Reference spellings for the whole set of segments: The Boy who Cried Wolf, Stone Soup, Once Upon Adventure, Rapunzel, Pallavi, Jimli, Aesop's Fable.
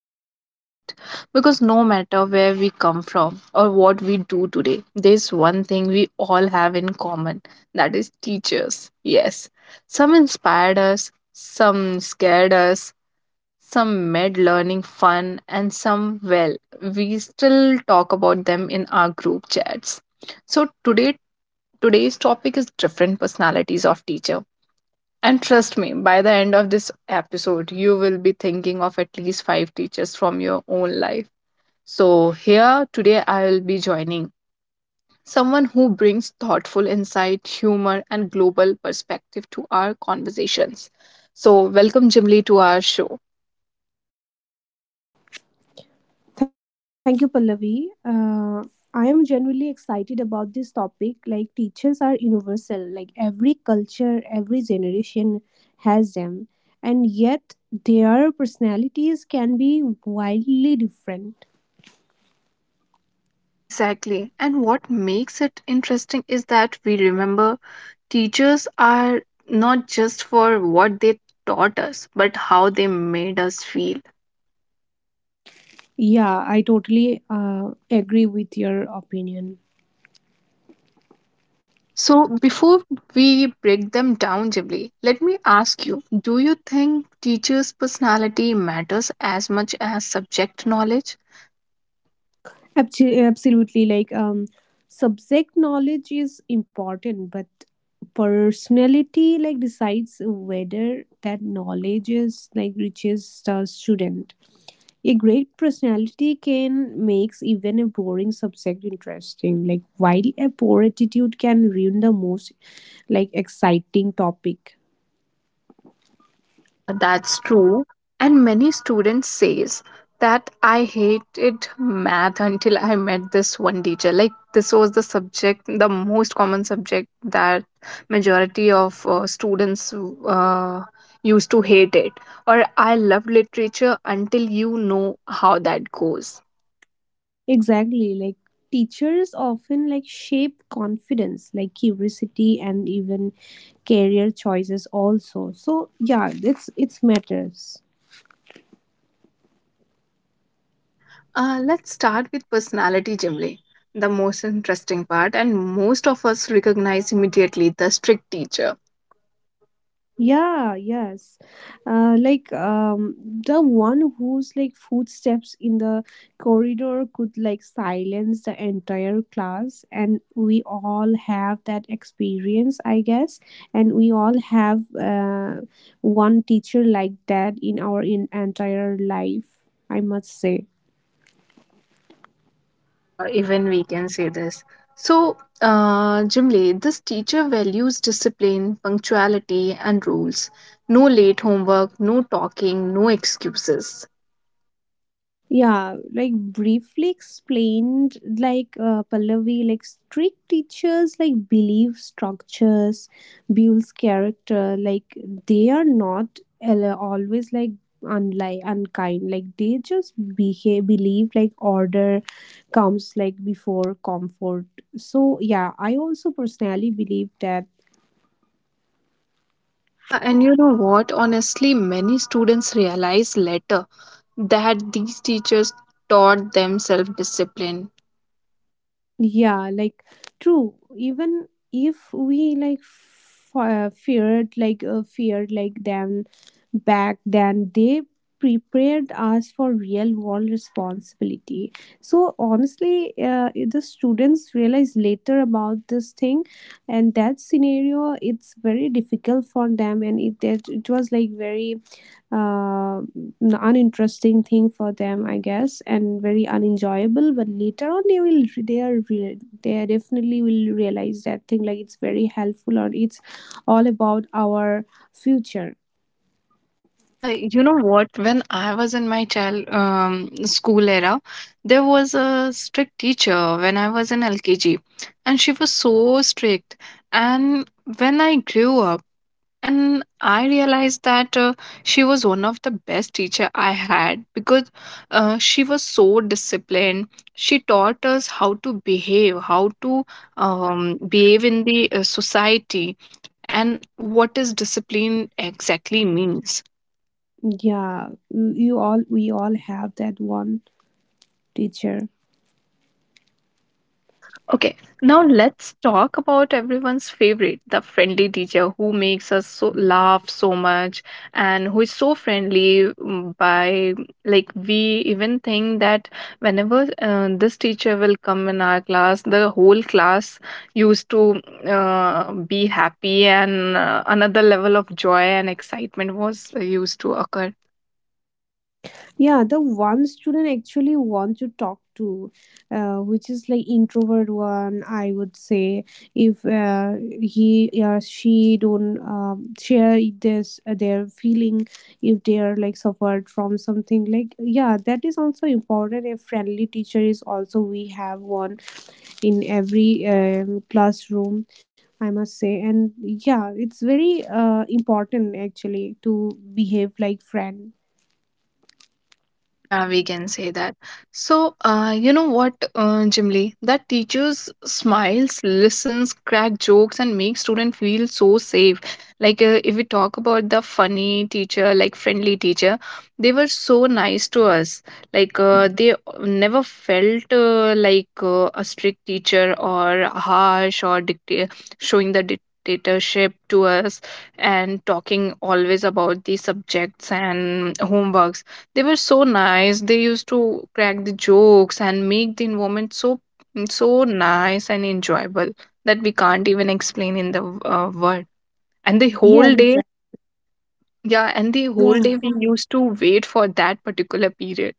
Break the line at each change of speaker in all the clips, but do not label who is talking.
to our heart because no matter where we come from or what we do today, there's one thing we all have in common, that is teachers. Yes, some inspired us, some scared us, some made learning fun, and some, well, we still talk about them in our group chats. So today's topic is different personalities of teacher. And trust me, by the end of this episode, you will be thinking of at least five teachers from your own life. So here today I will be joining someone who brings thoughtful insight, humor and global perspective to our conversations. So welcome Jimli, to our show.
Thank you, Pallavi. I am genuinely excited about this topic. Like, teachers are universal, like, every culture, every generation has them, and yet their personalities can be wildly different.
Exactly. And what makes it interesting is that we remember teachers are not just for what they taught us, but how they made us feel.
Yeah, I totally agree with your opinion.
Okay, so before we break them down, Jibli, let me ask you, do you think teachers' personality matters as much as subject knowledge?
Absolutely. Like, subject knowledge is important, but personality like decides whether that knowledge is like reaches the student. A great personality can makes even a boring subject interesting. Like, while a poor attitude can ruin the most like exciting topic.
Yeah, that's true. And many students says that I hated math until I met this one teacher. Like this was the subject, the most common subject that majority of students uh, used to hate it. Or I loved literature until you know how that goes.
Exactly. Like teachers often like shape confidence, like curiosity and even career choices also. So yeah, it's matters.
Okay, let's start with personality, Jimli, the most interesting part, and most of us recognize immediately the strict teacher.
Yeah, yes. Like, the one whose like footsteps in the corridor could like silence the entire class, and we all have that experience, I guess. And we all have one teacher like that in our in entire life, I must say.
Yeah, even we can say this. So, Jimli, this teacher values discipline, punctuality, and rules. No late homework, no talking, no excuses.
Yeah, like briefly explained, like Pallavi, like strict teachers, like believe structures, builds character. Like they are not always like unlike unkind. Like they just behave, believe like order comes like before comfort. So yeah, I also personally believe that
Yeah, and you know what? Honestly, many students realize later that these teachers taught them self-discipline.
yeah like true even if we like feared like them back then they prepared us for real world responsibility. So honestly, the students realize later about this thing, and that scenario it's very difficult for them and it, that it was like very uninteresting thing for them, I guess, and very unenjoyable. But later on, they will re- they are definitely will realize that thing like it's very helpful or it's all about our future.
Yeah, you know what? When I was in my child school era, there was a strict teacher when I was in LKG, and she was so strict. And when I grew up, and I realized that she was one of the best teacher I had because she was so disciplined, she taught us how to behave, how to behave in the society, and what is discipline exactly means.
Yeah, you all we all have that one teacher.
Yeah. Okay. Now let's talk about everyone's favorite, the friendly teacher who makes us so laugh so much and who is so friendly, by like we even think that whenever this teacher will come in our class, the whole class used to be happy, and another level of joy and excitement was used to occur.
Yeah, the one student actually want to talk to, which is like introvert one. I would say if he or she don't share this their feeling, if they are like suffered from something like, yeah, that is also important. A friendly teacher is also we have one in every classroom. I must say, and yeah, it's very important actually to behave like friend.
Yeah, we can say that. So, you know what, Jim Lee? That teachers smiles, listens, crack jokes, and make student feel so safe. Like, if we talk about the funny teacher, like friendly teacher, they were so nice to us. Like, they never felt like a strict teacher or harsh or dictator showing the dictatorship to us and talking always about the subjects and homeworks. They were so nice, they used to crack the jokes and make the environment so so nice and enjoyable that we can't even explain in the word and the whole
Yes,
day.
exactly.
Yeah, and the
Yeah.
whole day we used to wait for that particular period.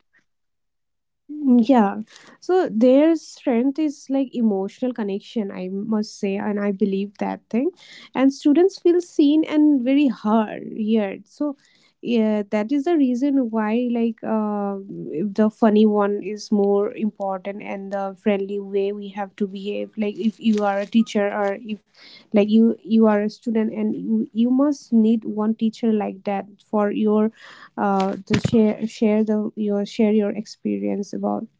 Yeah. So their strength is like emotional connection, I must say, and I believe that thing. And students feel seen and very heard. So yeah, that is the reason why like the funny one is more important and the friendly way we have to behave. Like if you are a teacher or if like you are a student and you must need one teacher like that for your the share share the your share your experience about,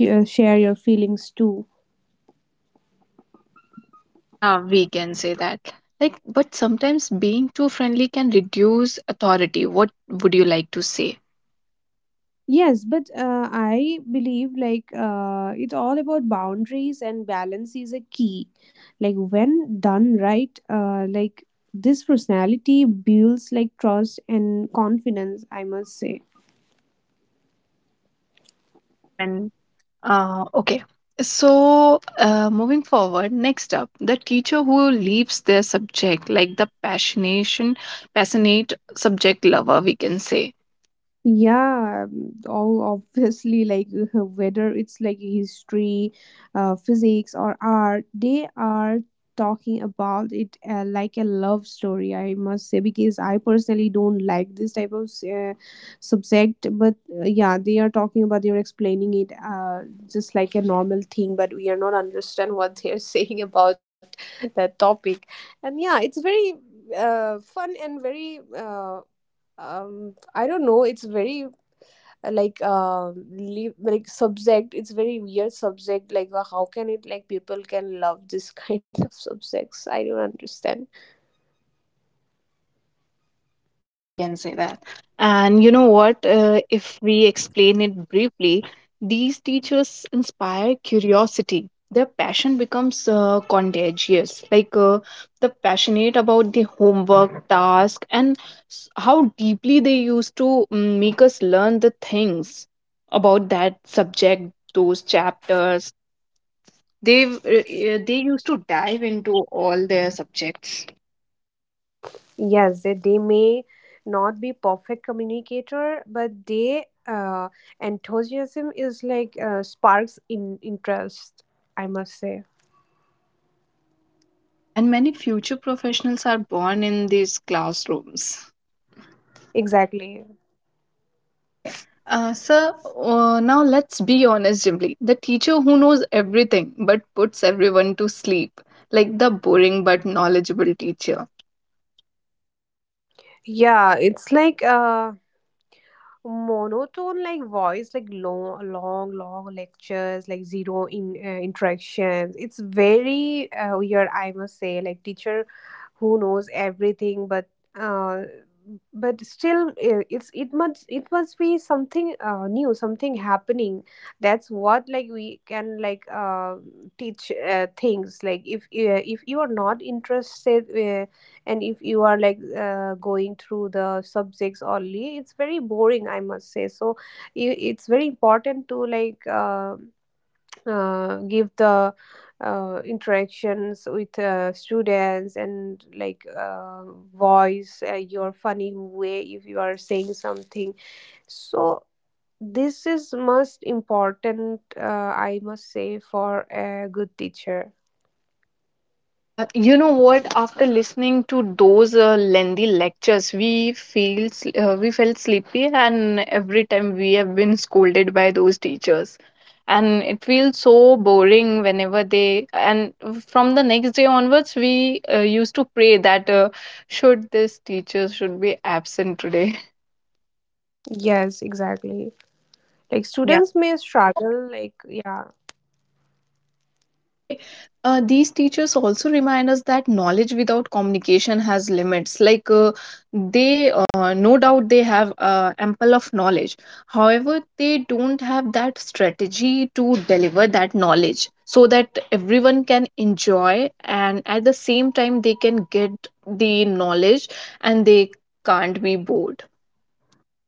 share your feelings too.
Yeah, we can say that. Like but sometimes being too friendly can reduce authority, what would you like to say?
Yes, but I believe like, it's all about boundaries and balance is a key. Like when done right, like this personality builds like trust and confidence, I must say.
Yeah, even. Okay. So, moving forward, next up, the teacher who leaves their subject, like the passionation, passionate subject lover, we can say.
Yeah, all obviously, like whether it's like history, physics, or art, they are talking about it like a love story. I must say because I personally don't like this type of subject, but yeah, they are talking about they are explaining it just like a normal thing, but we are not understand what they are saying about that topic, and yeah, it's very fun and very. I don't know, it's very like leave like subject, it's very weird subject like, how can it like people can love this kind of subjects, I don't understand.
Yeah, we can say that. And you know what? If we explain it briefly, these teachers inspire curiosity. Their passion becomes contagious. They're passionate about the homework, task, and how deeply they used to make us learn the things about that subject, those chapters. They've they used to dive into all their subjects.
Yes, they may not be perfect communicator but they enthusiasm is like, sparks in interest, I must say.
Yeah, and many future professionals are born in these classrooms.
Exactly.
Okay. So now let's be honest, Jimly. The teacher who knows everything but puts everyone to sleep, like the boring but knowledgeable teacher.
Yeah, it's like monotone like voice like long lectures, like zero in interactions. It's very weird, I must say, like teacher who knows everything but, uh, but still, it must be something new, something happening. That's what like we can like, teach things like if you are not interested, and if you are like going through the subjects only, it's very boring, I must say. So it's very important to like, give the interactions with students and like, voice your funny way if you are saying something. So this is most important, I must say, for a good teacher.
Yeah, you know what? After listening to those lengthy lectures, we feel we felt sleepy, and every time we have been scolded by those teachers, and it feels so boring whenever they. And from the next day onwards, we used to pray that should this teacher should be absent today.
Yes, exactly. Like
Yeah.
students may struggle, like, yeah.
Okay. These teachers also remind us that knowledge without communication has limits. They, no doubt, they have ample of knowledge. However, they don't have that strategy to deliver that knowledge so that everyone can enjoy and at the same time they can get the knowledge and they can't be bored.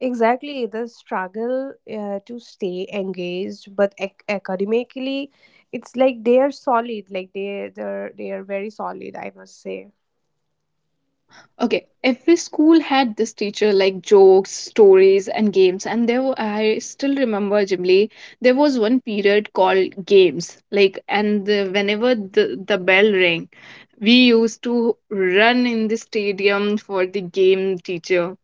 Exactly, the struggle to stay engaged, but academically, it's like they are solid. Like they are very solid. I must say.
Yeah. Okay. Every school had this teacher like jokes, stories, and games. And there, were, I still remember, Jimly, there was one period called games. Whenever the bell rang, we used to run in the stadium for the game teacher.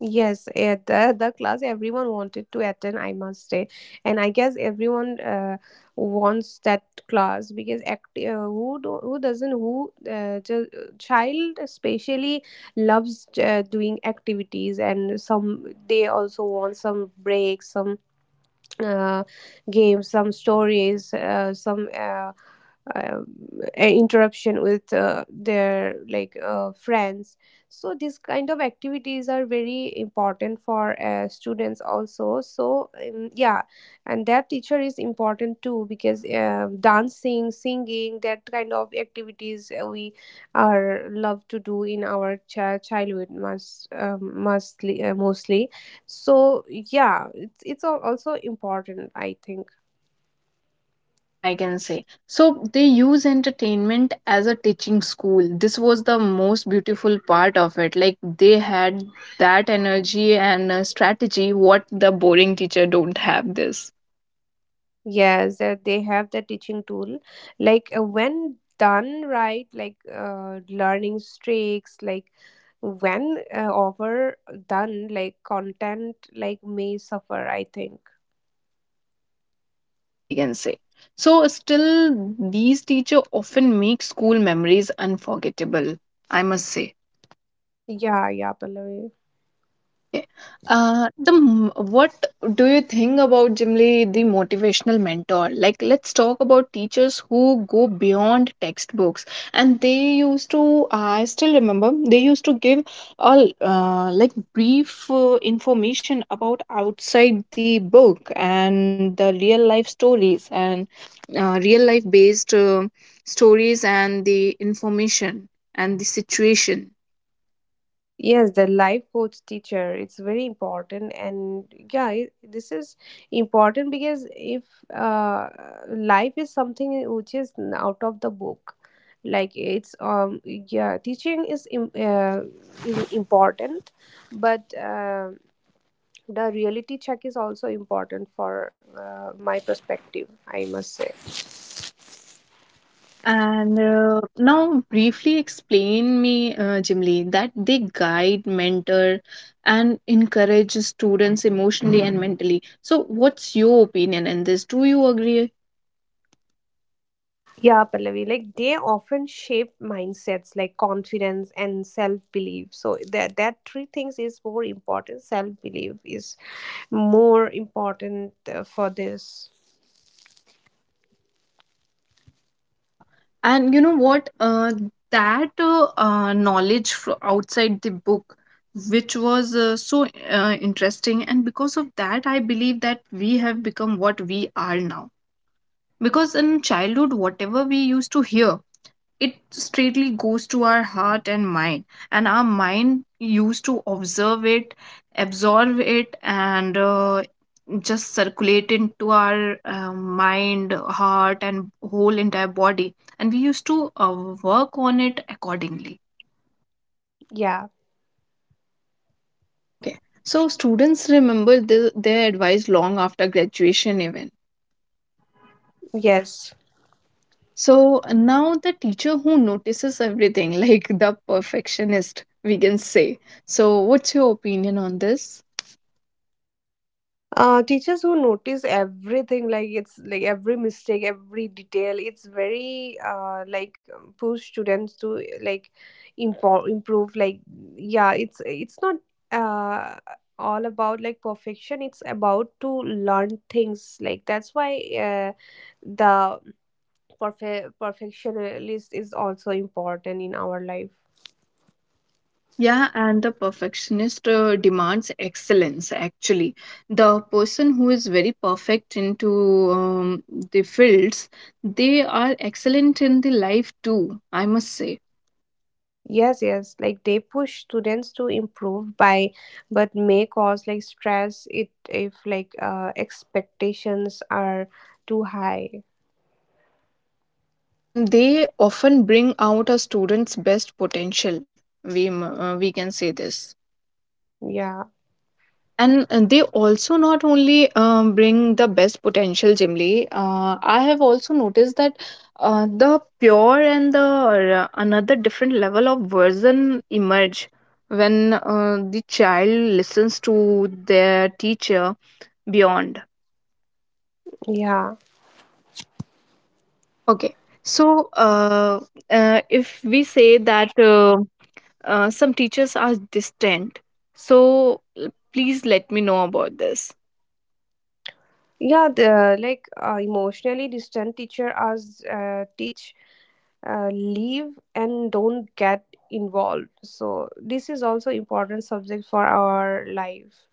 Yes, at the class everyone wanted to attend, I must say. And I guess everyone wants that class because act, who do, who doesn't who just, child especially loves doing activities, and some they also want some breaks, some uh, games, some stories, some uh, interruption with their like friends. So these kind of activities are very important for students also. So yeah, and that teacher is important too because, dancing, singing, that kind of activities we are love to do in our childhood, mostly. So yeah, it's also important, I think.
Yeah, I can say. So they use entertainment as a teaching school. This was the most beautiful part of it. Like they had that energy and strategy what the boring teacher don't have this.
Yes, that they have the teaching tool, like, when done right, like, learning streaks like when overdone, like content like may suffer, I think.
Yeah, we can say. So still these teacher often make school memories unforgettable, I must say.
Yeah, yeah, Pallavi.
Okay. What do you think about generally the motivational mentor? Like, let's talk about teachers who go beyond textbooks, and they used to. I still remember they used to give all like brief information about outside the book and the real life stories and real life based stories and the information and the situation.
Yes, the life coach teacher, it's very important. And yeah, it, this is important because if uh, life is something which is out of the book, like it's, yeah, teaching is important, but the reality check is also important for my perspective, I must say.
Yeah. And now, briefly explain me, Jimli, that they guide, mentor, and encourage students emotionally and mentally. So, what's your opinion in this? Do you agree?
Yeah, Pallavi, like they often shape mindsets like confidence and self belief. So that three things is more important. Self belief is more important for this.
Yeah. And you know what? That knowledge outside the book, which was so interesting, and because of that, I believe that we have become what we are now. Because in childhood, whatever we used to hear, it straightly goes to our heart and mind, and our mind used to observe it, absorb it, and just circulate into our mind, heart and whole entire body, and we used to work on it accordingly.
Yeah.
Okay. So students remember their advice long after graduation even.
Yes.
So now the teacher who notices everything like the perfectionist, we can say. So what's your opinion on this?
Uh, teachers who notice everything like, it's like every mistake, every detail, it's very like, push students to like improve, like, yeah, it's not uh all about like perfection, it's about to learn things. Like that's why, the perfectionist is also important in our life.
Yeah, and the perfectionist demands excellence actually. The person who is very perfect into the fields, they are excellent in the life too, I must say.
Yes, yes. Like they push students to improve by, but may cause like stress it if like, expectations are too high.
Yes, and they often bring out a student's best potential. We can say this.
Yeah,
And they also not only bring the best potential, Jimly. I have also noticed that the pure and the another different level of version emerge when the child listens to their teacher beyond.
yeah,
Okay, so if we say that some teachers are distant, so please let me know about this.
yeah. The like emotionally distant teacher us teach, leave and don't get involved. So this is also important subject for our life.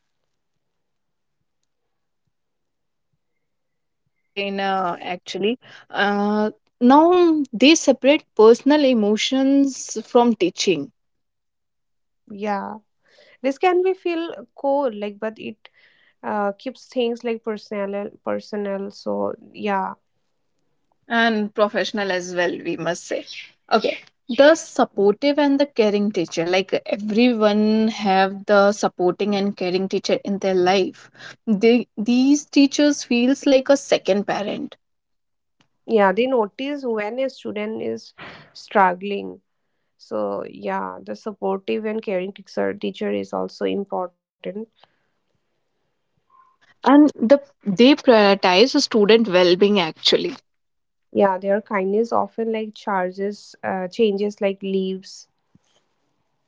Yeah, okay. Briefly explain actually. Uh, Now they separate personal emotions from teaching
Yeah, this can be feel cold like, but it keeps things like personal, so yeah.
and professional as well, we must say. Okay. The supportive and the caring teacher, like everyone have the supporting and caring teacher in their life. They these teachers feels like a second parent.
Yeah, they notice when a student is struggling. So yeah, the supportive and caring teacher is also important.
Yeah. And they prioritize the student well-being actually.
Yeah, their kindness often like charges changes like leaves.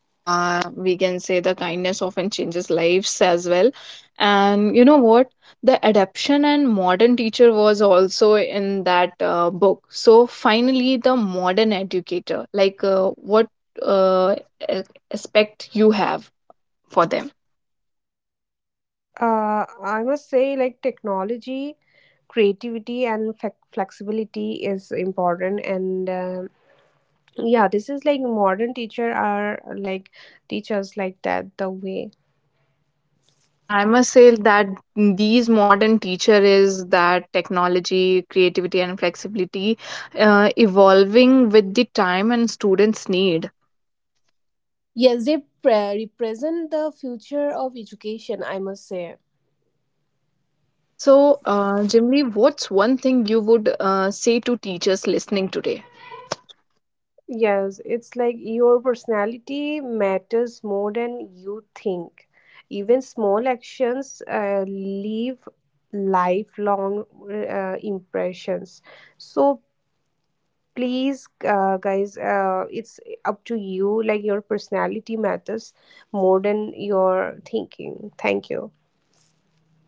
Yeah, we can say the kindness often changes lives as well. And you know what? The adaption and modern teacher was also in that book. So finally, the modern educator, like what uh, a- aspect you have for them?
Uh, I must say like technology, creativity and flexibility is important, and yeah, this is like modern teacher are like teachers like that the way.
Yeah, I must say that these modern teacher is that technology, creativity, and flexibility, evolving with the time and students' need.
Yes, they represent the future of education, I must say.
So, Jimmy, what's one thing you would say to teachers listening today?
Yes, it's like your personality matters more than you think. Even small actions leave lifelong impressions. So please, guys, it's up to you. Like your personality matters more than your thinking. Thank you.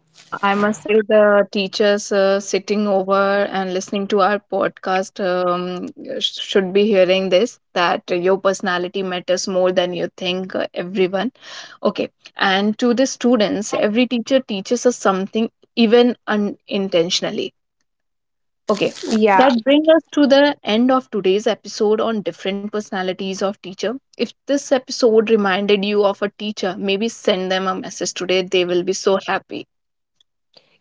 I must say the teachers sitting over and listening to our podcast should be hearing this that your personality matters more than you think, everyone. Okay. And to the students, every teacher teaches us something even unintentionally. Okay,
Yeah.
that brings us to the end of today's episode on different personalities of teacher. If this episode reminded you of a teacher, maybe send them a message today. They will be so happy.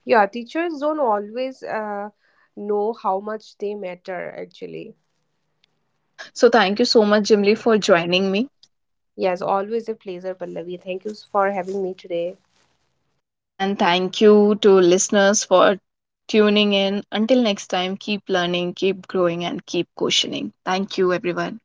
Yeah, teachers don't always know how much they matter actually.
Yeah. So thank you so much, Jimly, for joining me.
Yes, always a pleasure, Pallavi. Thank you for having me today.
And thank you to listeners for tuning in. Until next time, keep learning, keep growing, and keep questioning. Thank you, everyone.